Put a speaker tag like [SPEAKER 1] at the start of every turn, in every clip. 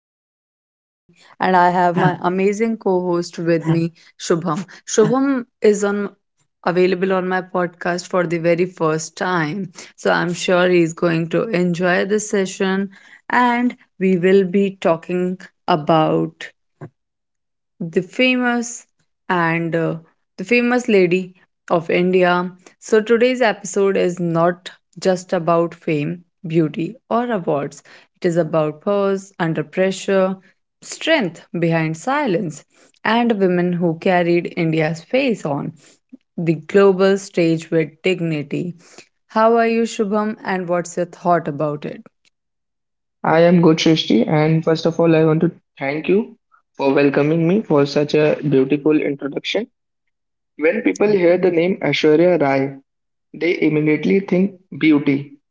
[SPEAKER 1] your host, Srishti, and I have my amazing co host with me, Shubham. Shubham is on available on my podcast for the very first time. So I'm sure he's going to enjoy the session, and we will be talking about the famous and the famous lady of India. So today's episode is not just about fame, beauty, or awards. It is about pause under pressure, strength behind silence, and women who carried India's face on the global stage with dignity. How are you, Shubham, and what's your thought about it?
[SPEAKER 2] I am good, Srishti, and first of all, I want to thank you for welcoming me for such a beautiful introduction. When people hear the name Aishwarya Rai, they immediately think beauty.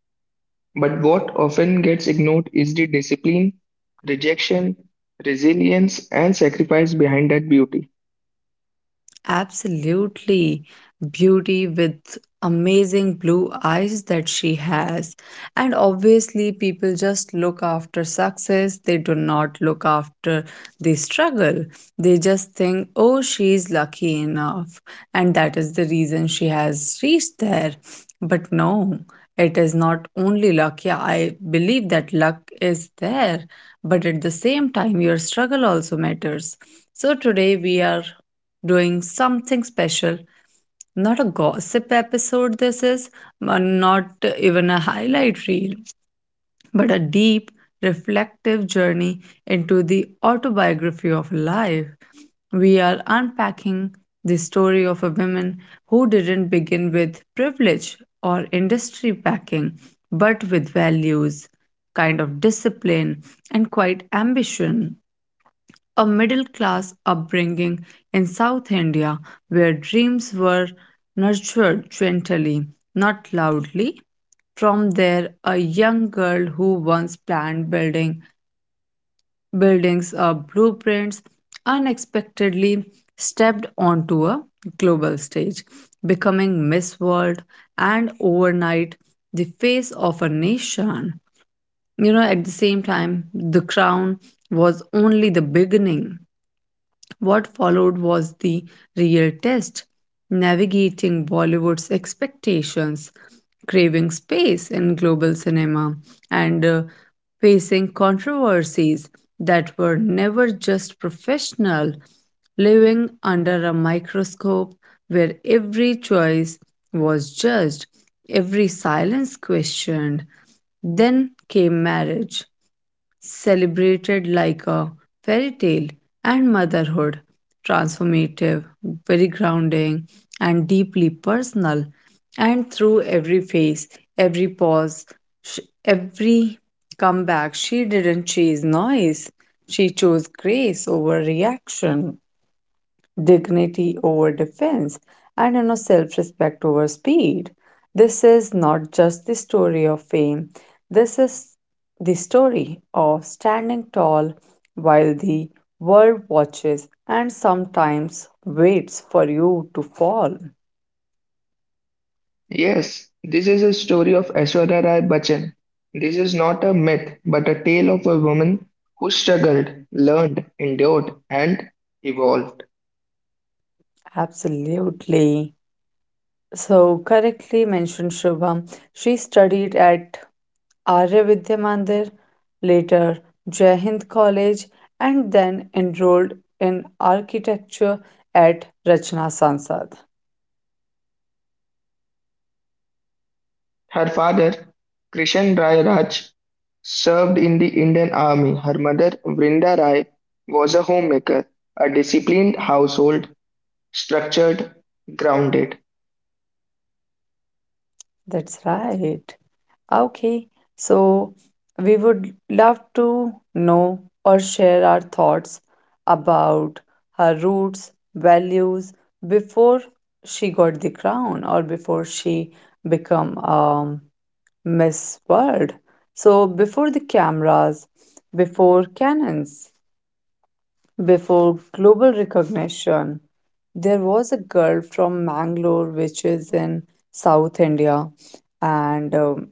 [SPEAKER 2] But what often gets ignored is the discipline, rejection, resilience, and sacrifice behind that beauty.
[SPEAKER 1] Absolutely. Beauty with amazing blue eyes that she has. And obviously, people just look after success. They do not look after the struggle. They just think, oh, she's lucky enough. And that is the reason she has reached there. But no, it is not only luck. Yeah, I believe that luck is there. But at the same time, your struggle also matters. So today we are doing something special. Not a gossip episode, this is, not even a highlight reel, but a deep, reflective journey into the autobiography of life. We are unpacking the story of a woman who didn't begin with privilege or industry backing, but with values, kind of discipline, and quite ambition, a middle class upbringing in South India where dreams were nurtured gently, not loudly. From there, a young girl who once planned building buildings or blueprints unexpectedly stepped onto a global stage, becoming Miss World and overnight the face of a nation. You know, at the same time, the crown was only the beginning. What followed was the real test, navigating Bollywood's expectations, craving space in global cinema, and facing controversies that were never just professional, living under a microscope where every choice was judged, every silence questioned. Then came marriage, celebrated like a fairy tale, and motherhood, transformative, very grounding and deeply personal. And through every phase, every pause, sh- every comeback, she didn't chase noise. She chose grace over reaction, dignity over defense, and you know, self respect over speed. This is not just the story of fame, this is the story of standing tall while the world watches and sometimes waits for you to fall.
[SPEAKER 2] Yes, this is a story of Aishwarya Rai Bachchan. This is not a myth, but a tale of a woman who struggled, learned, endured, and evolved.
[SPEAKER 1] Absolutely. So, correctly mentioned, Shubham. She studied at Arya Vidya Mandir, later Jai Hind College, and then enrolled in architecture at Rachna Sansad.
[SPEAKER 2] Her father, Krishan Rai Raj, served in the Indian Army. Her mother, Vrinda Rai, was a homemaker, a disciplined household, structured, grounded.
[SPEAKER 1] That's right. Okay, so we would love to know or share our thoughts about her roots, values before she got the crown or before she become Miss World. So, before the cameras, before cannons, before global recognition, there was a girl from Mangalore, which is in South India, and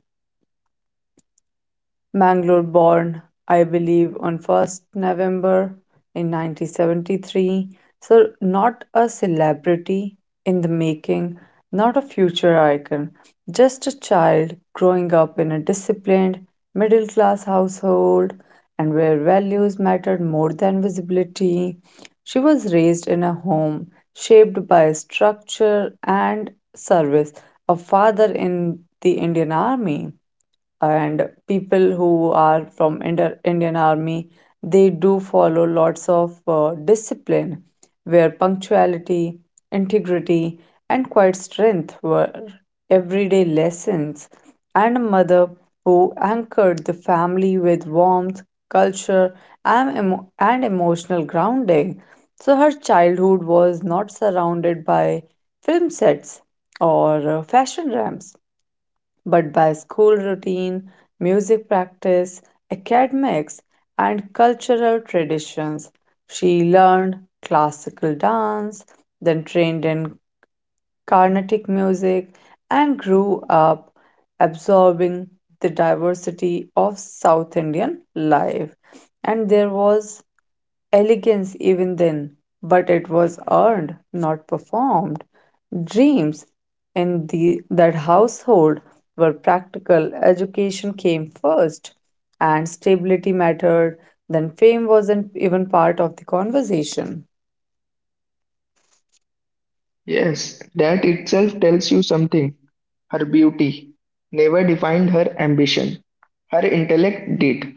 [SPEAKER 1] Mangalore born, I believe, on 1st November in 1973. So, not a celebrity in the making, not a future icon, just a child growing up in a disciplined, middle class household and where values mattered more than visibility. She was raised in a home shaped by structure and service, a father in the Indian Army, and people who are from Indian Army, they do follow lots of discipline, where punctuality, integrity, and quiet strength were everyday lessons. And a mother who anchored the family with warmth, culture, and, emotional grounding. So her childhood was not surrounded by film sets or fashion ramps, but by school routine, music practice, academics, and cultural traditions. She learned classical dance, then trained in Carnatic music, and grew up absorbing the diversity of South Indian life. And there was elegance even then, but it was earned, not performed. Dreams in that household were practical. Education came first, and stability mattered. Then fame wasn't even part of the conversation.
[SPEAKER 2] Yes, that itself tells you something. Her beauty never defined her ambition. Her intellect did.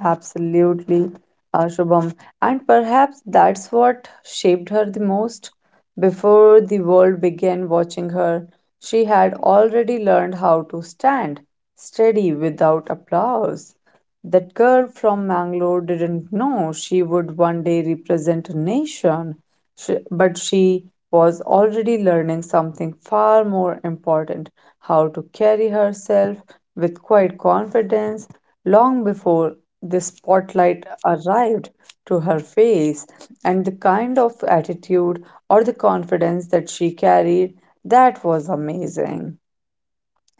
[SPEAKER 1] Absolutely, Shubham. And perhaps that's what shaped her the most. Before the world began watching her, she had already learned how to stand steady without applause. That girl from Mangalore didn't know she would one day represent a nation. Sh But she was already learning something far more important, how to carry herself with quiet confidence long before the spotlight arrived to her face. And the kind of attitude or the confidence that she carried, that was amazing.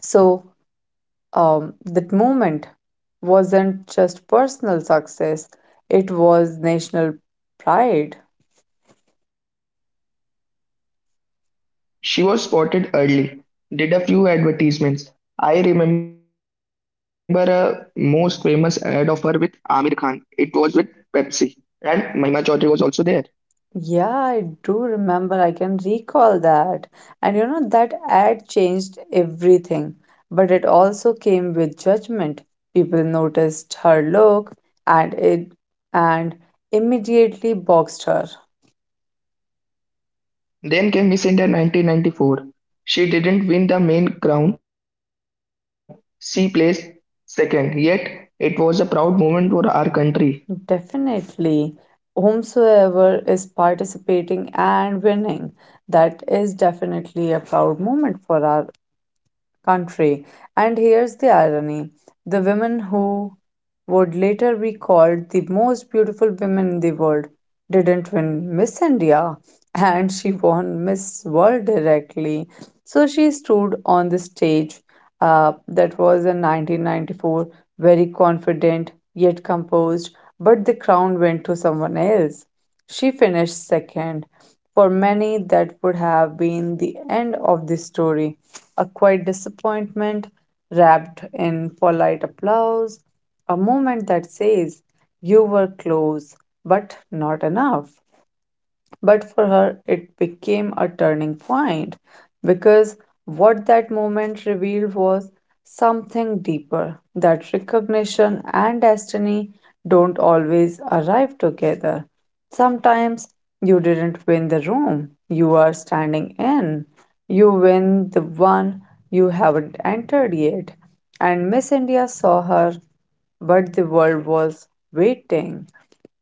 [SPEAKER 1] So, that moment wasn't just personal success, it was national pride.
[SPEAKER 2] She was spotted early, did a few advertisements. I remember a most famous ad of her with Amir Khan. It was with Pepsi, and Mahima Chaudhary was also there.
[SPEAKER 1] Yeah, I do remember. I can recall that. And you know, that ad changed everything, but it also came with judgment. People noticed her look and it and immediately boxed her.
[SPEAKER 2] Then came Miss India 1994. She didn't win the main crown, she placed second, yet it was a proud moment for our country.
[SPEAKER 1] Definitely, whomsoever is participating and winning, that is definitely a proud moment for our country. And here's the irony, the women who would later be called the most beautiful women in the world didn't win Miss India, and she won Miss World directly. So she stood on the stage, that was in 1994, very confident yet composed, but the crown went to someone else. She finished second. For many, that would have been the end of the story, a quiet disappointment wrapped in polite applause, a moment that says, "You were close, but not enough." But for her, it became a turning point, because what that moment revealed was something deeper, that recognition and destiny don't always arrive together. Sometimes you didn't win the room you are standing in, you win the one you haven't entered yet. And Miss India saw her, but the world was waiting.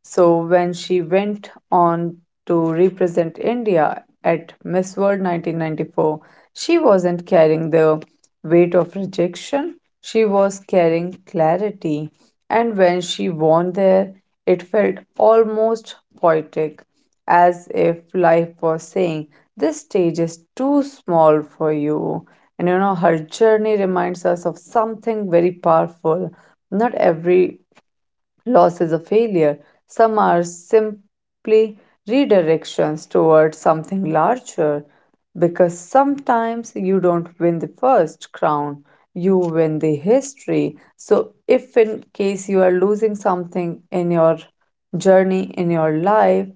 [SPEAKER 1] So when she went on to represent India at Miss World 1994, she wasn't carrying the weight of rejection, she was carrying clarity. And when she won there, it felt almost poetic, as if life was saying, "This stage is too small for you." And you know, her journey reminds us of something very powerful. Not every loss is a failure. Some are simply redirections towards something larger, because sometimes you don't win the first crown, you win the history. So, if in case you are losing something in your journey, in your life,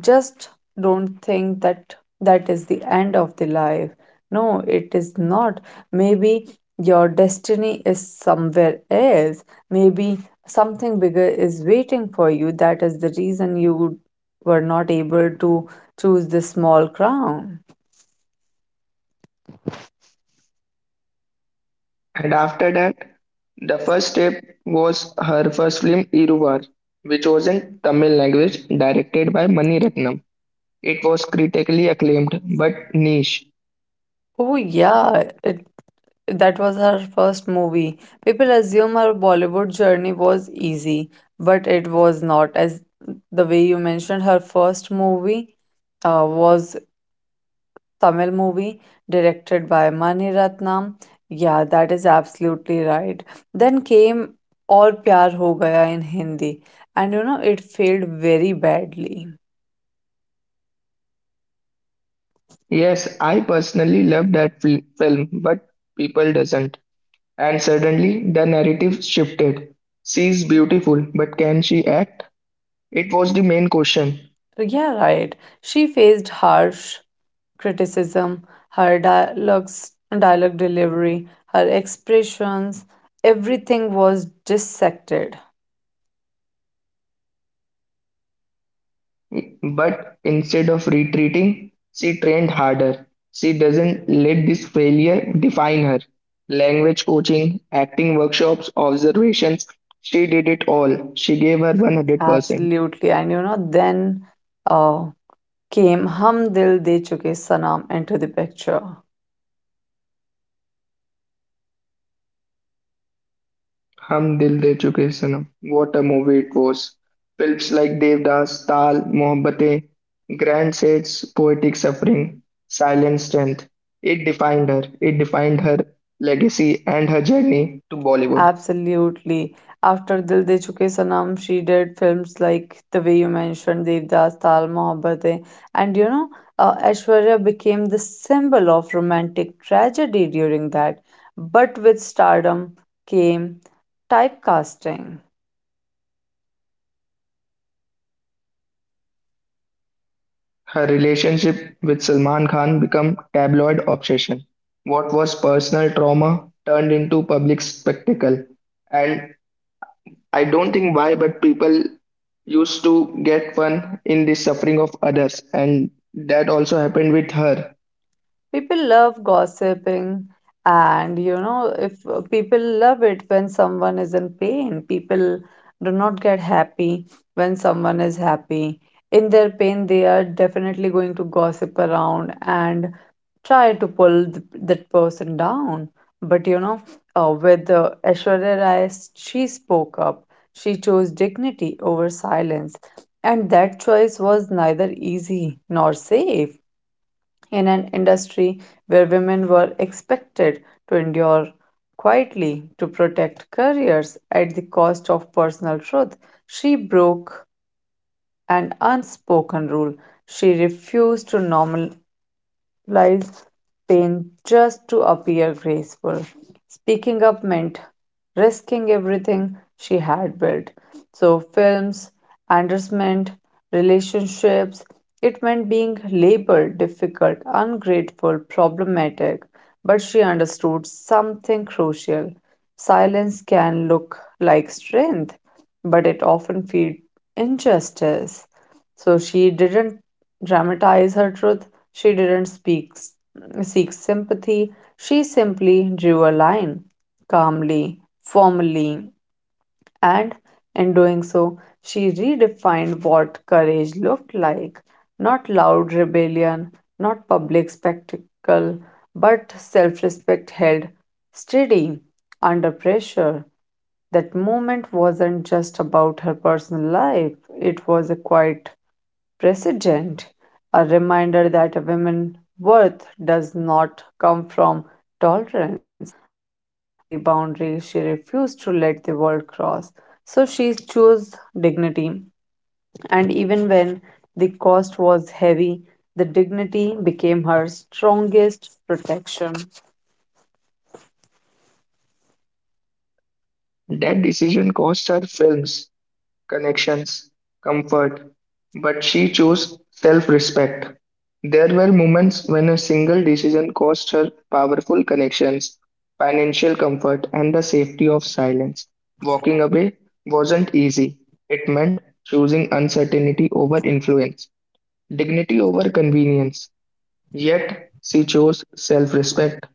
[SPEAKER 1] just don't think that that is the end of the life. No, it is not. Maybe your destiny is somewhere else. Maybe something bigger is waiting for you. That is the reason you were not able to choose this small crown.
[SPEAKER 2] And after that, the first step was her first film Iruvar, which was in Tamil language, directed by Mani Ratnam. It was critically acclaimed, but niche.
[SPEAKER 1] Oh yeah, it that was her first movie. People assume her Bollywood journey was easy, but it was not. As the way you mentioned, her first movie was Tamil movie directed by Mani Ratnam. Yeah, that is absolutely right. Then came Aur Pyar Ho Gaya in Hindi, and you know, it failed very badly.
[SPEAKER 2] Yes, I personally love that film, but people doesn't. And suddenly the narrative shifted. She's beautiful, but can she act? It was the main question.
[SPEAKER 1] Yeah, right. She faced harsh criticism, her dialogues, dialogue delivery, her expressions, everything was dissected.
[SPEAKER 2] But instead of retreating, she trained harder. She doesn't let this failure define her. Language coaching, acting workshops, observations, she did it all. She gave her 100%.
[SPEAKER 1] Absolutely. And you know, then uh, came Hum Dil De Chuke Sanam into the picture.
[SPEAKER 2] Hum Dil De Chuke Sanam. What a movie it was. Films like Devdas, Taal, Mohabbatein, Grand Shades, Poetic Suffering, Silent Strength. It defined her. It defined her legacy and her journey to Bollywood.
[SPEAKER 1] Absolutely. After Dil De Chuke Sanam, she did films like the way you mentioned, Devdas, Taal, Mohabbatein, and you know, Aishwarya became the symbol of romantic tragedy during that. But with stardom came typecasting.
[SPEAKER 2] Her relationship with Salman Khan became tabloid obsession. What was personal trauma turned into public spectacle, and I don't think why, but people used to get fun in the suffering of others, and that also happened with her.
[SPEAKER 1] People love gossiping, and you know, if people love it when someone is in pain, people do not get happy when someone is happy. In their pain they are definitely going to gossip around and try to pull that person down. But you know, with Aishwarya Rai, she spoke up. She chose dignity over silence, and that choice was neither easy nor safe in an industry where women were expected to endure quietly, to protect careers at the cost of personal truth. She broke an unspoken rule. She refused to normal lies pain just to appear graceful. Speaking up meant risking everything she had built. So, films, endorsement, relationships, it meant being labeled difficult, ungrateful, problematic. But she understood something crucial. Silence can look like strength, but it often feeds injustice. So she didn't dramatize her truth. She didn't speak, seek sympathy. She simply drew a line, calmly, formally, and in doing so, she redefined what courage looked like. Not loud rebellion, not public spectacle, but self respect held steady under pressure. That moment wasn't just about her personal life, it was a quiet precedent, a reminder that a woman's worth does not come from tolerance, but from the boundaries she refused to let the world cross. So she chose dignity, and even when the cost was heavy, the dignity became her strongest protection.
[SPEAKER 2] That decision cost her films, connections, comfort, but she chose self respect. There were moments when a single decision cost her powerful connections, financial comfort, and the safety of silence. Walking away wasn't easy. It meant choosing uncertainty over influence, dignity over convenience, yet she chose self respect,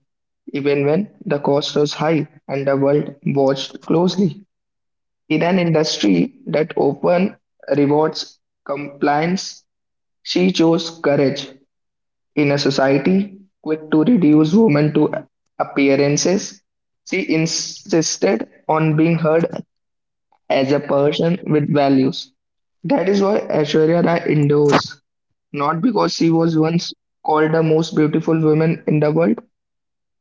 [SPEAKER 2] even when the cost was high and the world watched closely. In an industry that often rewards compliance, she chose courage. In a society quick to reduce women to appearances, she insisted on being heard as a person with values. That is why Aishwarya Rai endures, not because she was once called the most beautiful woman in the world,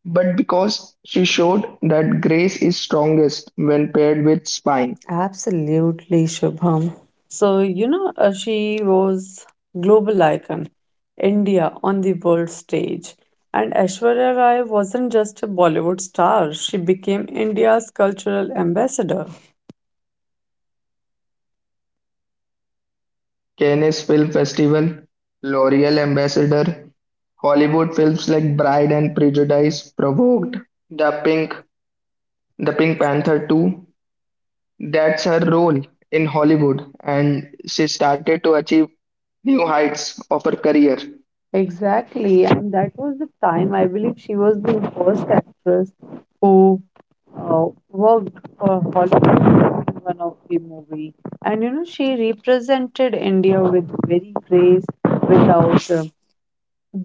[SPEAKER 2] but because she showed that grace is strongest when paired with spine.
[SPEAKER 1] Absolutely, Shubham. So, you know, she was global icon, India on the world stage. And Aishwarya Rai wasn't just a Bollywood star, she became India's cultural ambassador.
[SPEAKER 2] Cannes Film Festival, L'Oreal Ambassador, Hollywood films like Bride and Prejudice provoked the Pink, the Pink Panther 2. That's her role in Hollywood, and she started to achieve new heights of her career.
[SPEAKER 1] Exactly, and that was the time I believe she was the first actress who worked for Hollywood in one of the movie, and you know, she represented India with very grace, without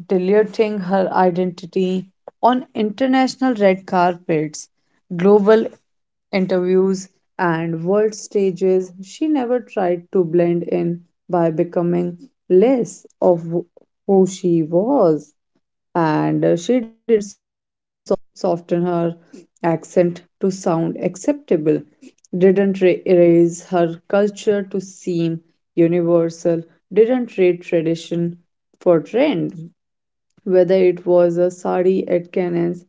[SPEAKER 1] diluting her identity on international red carpets, global interviews, and world stages. She never tried to blend in by becoming less of who she was, and she didn't soft, soften her accent to sound acceptable, didn't erase her culture to seem universal, didn't trade tradition for trend. Whether it was a sari at Cannon's,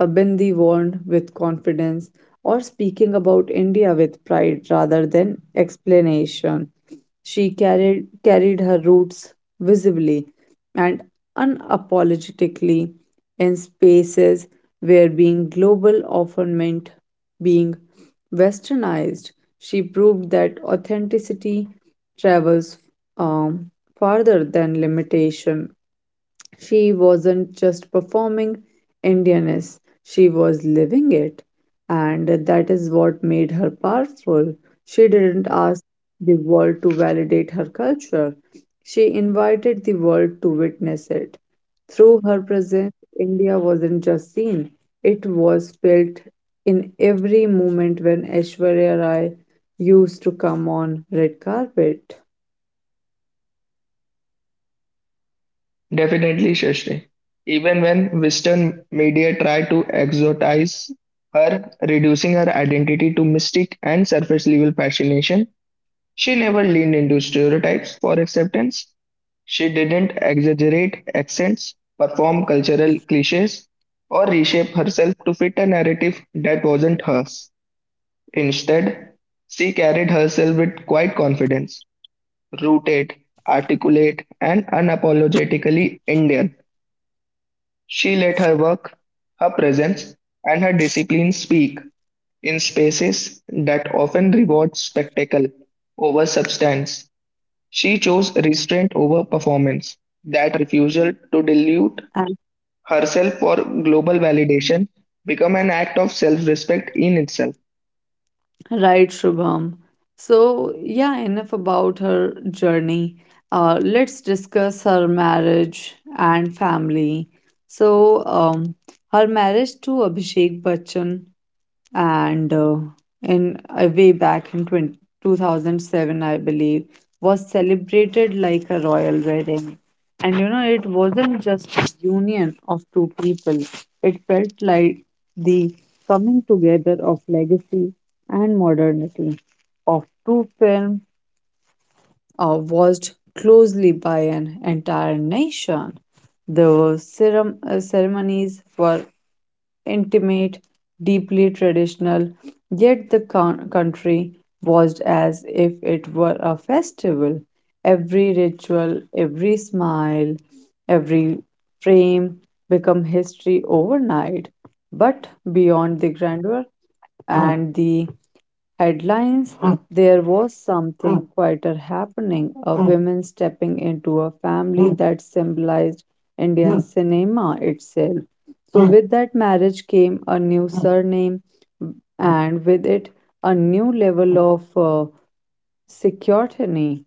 [SPEAKER 1] a bindi worn with confidence, or speaking about India with pride rather than explanation, she carried her roots visibly and unapologetically in spaces where being global often meant being westernized. She proved that authenticity travels um, farther than limitation. She wasn't just performing Indianness, she was living it. And that is what made her powerful. She didn't ask the world to validate her culture, she invited the world to witness it. Through her presence, India wasn't just seen, it was felt in every moment when Aishwarya Rai used to come on red carpet.
[SPEAKER 2] Definitely, Shashri. Even when Western media try to exotize her, reducing her identity to mystic and surface level fascination, she never leaned into stereotypes for acceptance. She didn't exaggerate accents, perform cultural cliches, or reshape herself to fit a narrative that wasn't hers. Instead, she carried herself with quiet confidence, rooted, articulate, and unapologetically Indian. She let her work, her presence, and her discipline speak in spaces that often reward spectacle over substance. She chose restraint over performance. That refusal to dilute herself for global validation became an act of self respect in itself.
[SPEAKER 1] Right, Shubham. So, yeah, enough about her journey. Let's discuss her marriage and family. So, um, Her marriage to Abhishek Bachchan and in way back in 2007, I believe, was celebrated like a royal wedding. And you know, it wasn't just a union of two people, it felt like the coming together of legacy and modernity, of two films watched closely by an entire nation. The ceremonies were intimate, deeply traditional, yet the country was as if it were a festival. Every ritual, every smile, every frame become history overnight. But beyond the grandeur and the headlines, there was something quieter happening, a woman stepping into a family that symbolized Indian cinema itself. So, with that marriage came a new surname, and with it, a new level of security.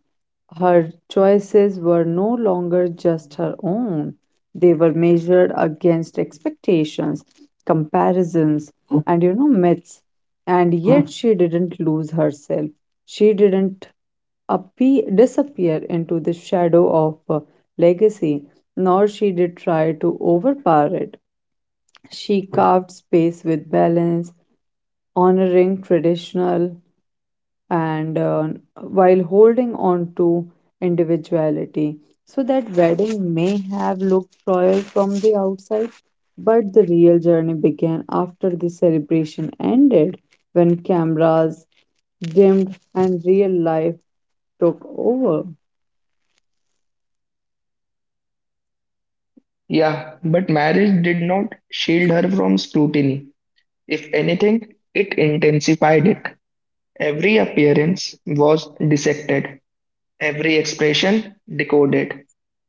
[SPEAKER 1] Her choices were no longer just her own, they were measured against expectations, comparisons, and you know, myths. And yet, she didn't lose herself. She didn't disappear into the shadow of legacy, nor she did try to overpower it. She carved space with balance, honoring traditional and while holding on to individuality. So that wedding may have looked royal from the outside, but the real journey began after the celebration ended, when cameras dimmed and real life took over.
[SPEAKER 2] Yeah, but marriage did not shield her from scrutiny. If anything, it intensified it. Every appearance was dissected, every expression decoded,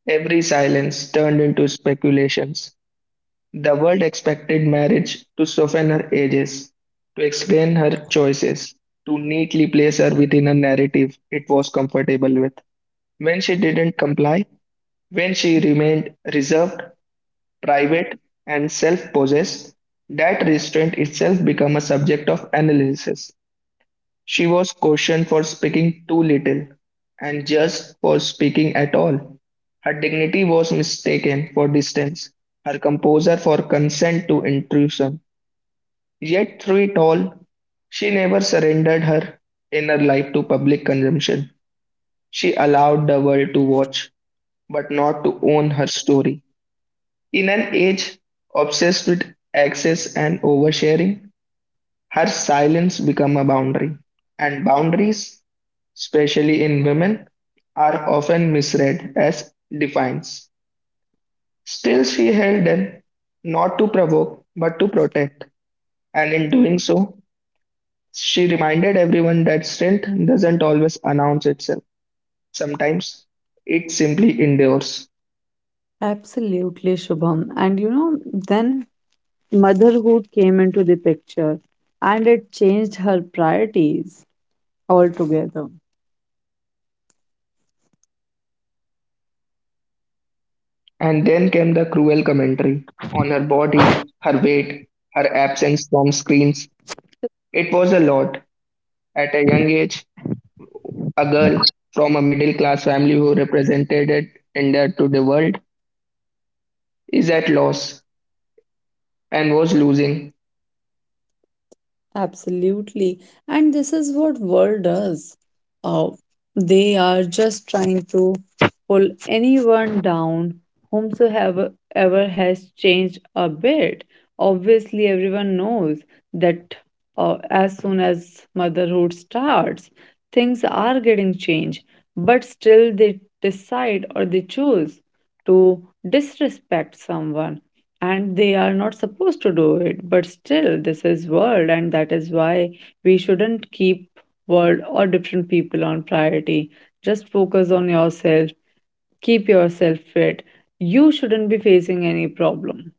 [SPEAKER 2] every silence turned into speculations. The world expected marriage to soften her edges, to explain her choices, to neatly place her within a narrative it was comfortable with. When she didn't comply, when she remained reserved, private, and self possessed, that restraint itself became a subject of analysis. She was cautioned for speaking too little, and just for speaking at all. Her dignity was mistaken for distance, her composure for consent to intrusion. Yet, through it all, she never surrendered her inner life to public consumption. She allowed the world to watch, but not to own her story. In an age obsessed with excess and oversharing, her silence become a boundary, and boundaries, especially in women, are often misread as defines. Still, she held them not to provoke but to protect, and in doing so, she reminded everyone that strength doesn't always announce itself. Sometimes it simply endures.
[SPEAKER 1] Absolutely, Shubham. And you know, then motherhood came into the picture and it changed her priorities altogether.
[SPEAKER 2] And then came the cruel commentary on her body, her weight, her absence from screens. It was a lot. At a young age, a girl from a middle class family who represented India to the world, is at loss and was losing.
[SPEAKER 1] Absolutely. And this is what world does. Uh, they are just trying to pull anyone down whomsoever ever has changed a bit. Obviously, everyone knows that as soon as motherhood starts, things are getting changed, but still they decide or they choose to disrespect someone, and they are not supposed to do it, but still this is world, and that is why we shouldn't keep world or different people on priority. Just focus on yourself, keep yourself fit, you shouldn't be facing any problem.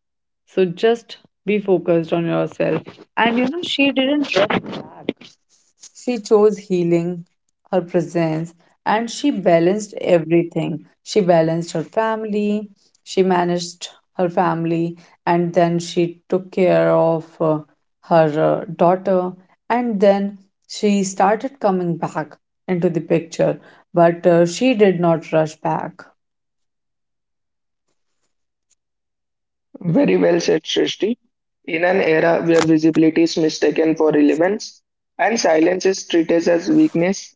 [SPEAKER 1] So just be focused on yourself. And you know, she didn't rush back, she chose healing, her presence, and she balanced everything. She balanced her family, she managed her family, and then she took care of her daughter, and then she started coming back into the picture, but she did not rush back.
[SPEAKER 2] Very well said, Srishti. In an era where visibility is mistaken for relevance and silence is treated as weakness,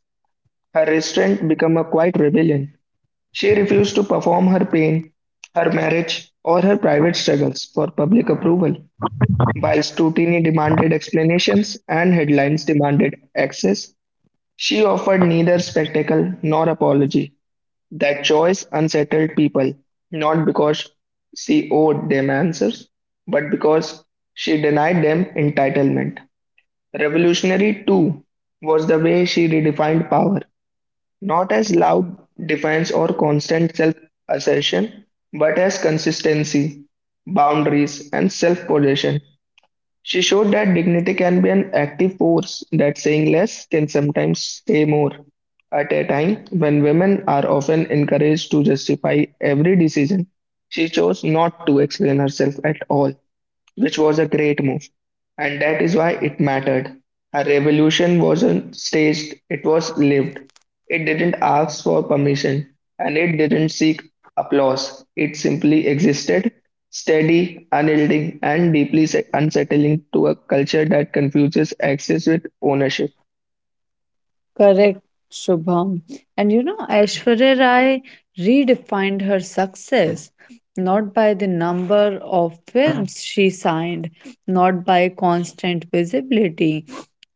[SPEAKER 2] her restraint became a quiet rebellion. She refused to perform her pain, her marriage, or her private struggles for public approval. While scrutiny demanded explanations and headlines demanded access, she offered neither spectacle nor apology. That choice unsettled people, not because she owed them answers, but because she denied them entitlement. Revolutionary, too, was the way she redefined power, not as loud defense or constant self assertion, but as consistency, boundaries, and self possession. She showed that dignity can be an active force, that saying less can sometimes say more. At a time when women are often encouraged to justify every decision, she chose not to explain herself at all, which was a great move, and that is why it mattered. Her revolution wasn't staged, it was lived. It didn't ask for permission, and it didn't seek applause. It simply existed, steady, unyielding, and deeply unsettling to a culture that confuses access with ownership.
[SPEAKER 1] Correct, Shubham. And you know, Aishwarya Rai redefined her success not by the number of films she signed, not by constant visibility,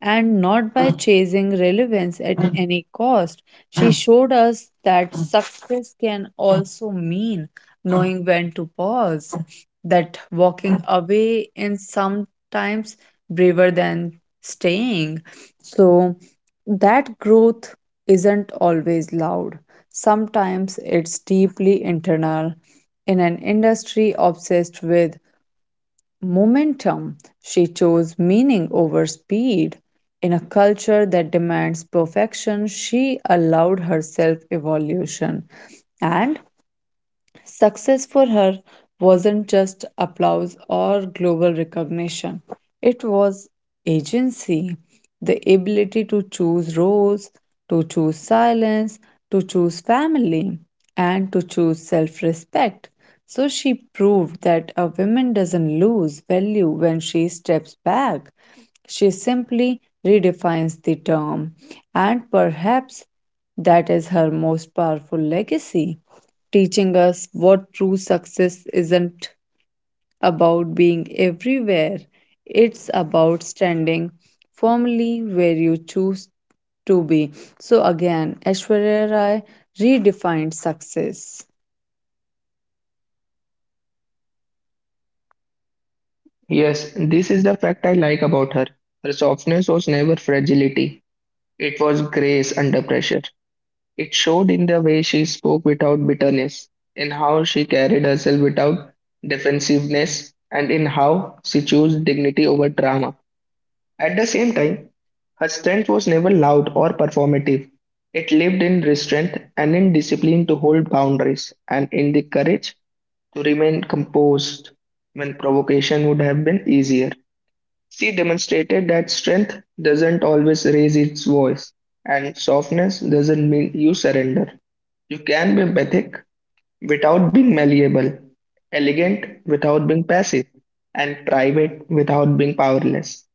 [SPEAKER 1] and not by chasing relevance at any cost. She showed us that success can also mean knowing when to pause, that walking away is sometimes braver than staying. So, that growth isn't always loud. Sometimes it's deeply internal. In an industry obsessed with momentum, she chose meaning over speed. In a culture that demands perfection, she allowed herself evolution. And success for her wasn't just applause or global recognition, it was agency, the ability to choose roles, to choose silence, to choose family, and to choose self respect. So she proved that a woman doesn't lose value when she steps back. She simply redefines the term, and perhaps that is her most powerful legacy, teaching us what true success isn't about being everywhere, it's about standing firmly where you choose to be. So, again, Aishwarya Rai redefined success.
[SPEAKER 2] Yes, this is the fact I like about her. Her softness was never fragility, it was grace under pressure. It showed in the way she spoke without bitterness, in how she carried herself without defensiveness, and in how she chose dignity over drama. At the same time, her strength was never loud or performative. It lived in restraint and in discipline to hold boundaries and in the courage to remain composed when provocation would have been easier. She demonstrated that strength doesn't always raise its voice, and softness doesn't mean you surrender. You can be empathic without being malleable, elegant without being passive, and private without being powerless.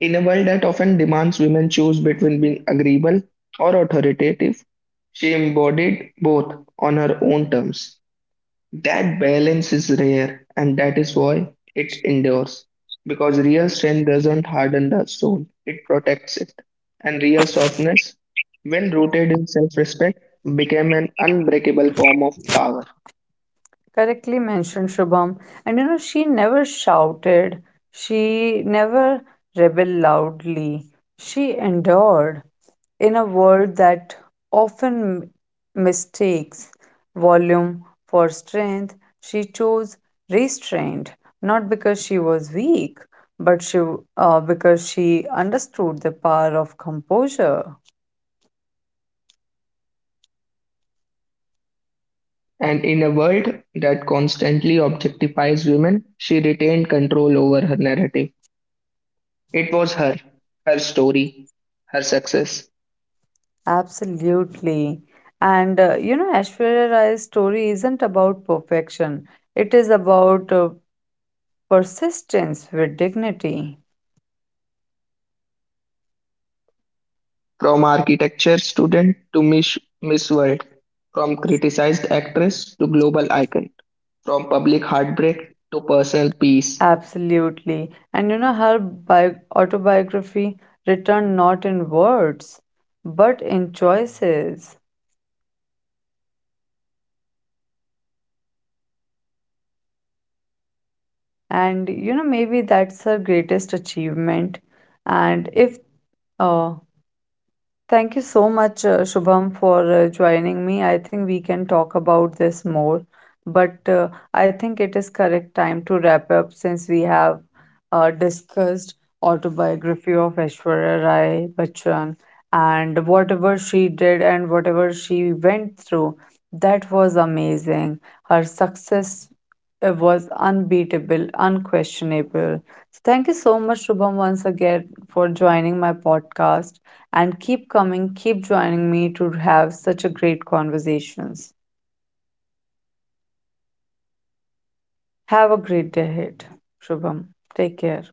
[SPEAKER 2] In a world that often demands women choose between being agreeable or authoritative, she embodied both on her own terms. That balance is rare, and that is why it endures. Because real strength doesn't harden the soul, it protects it. And real softness, when rooted in self respect, became an unbreakable form of power.
[SPEAKER 1] Correctly mentioned, Shubham. And you know, she never shouted, she never rebelled loudly, she endured in a world that often mistakes volume for strength. She chose restraint, not because she was weak, but because she understood the power of composure.
[SPEAKER 2] And in a world that constantly objectifies women, she retained control over her narrative. It was her, her story, her success,
[SPEAKER 1] Absolutely. And you know, Aishwarya Rai's story isn't about perfection, it is about persistence with dignity.
[SPEAKER 2] from architecture student to Miss World, from criticized actress to global icon, from public heartbreak to personal peace.
[SPEAKER 1] Absolutely. And you know, her autobiography written not in words, but in choices. And you know, maybe that's her greatest achievement. And if uh, Thank you so much, Shubham, for joining me. I think we can talk about this more, but I think it is correct time to wrap up, since we have discussed autobiography of Aishwarya Rai Bachchan and whatever she did and whatever she went through. That was amazing. Her success was unbeatable, unquestionable. Thank you so much, Shubham, once again, for joining my podcast, and keep coming, keep joining me to have such a great conversations. Have a great day ahead. Shubham. Take care.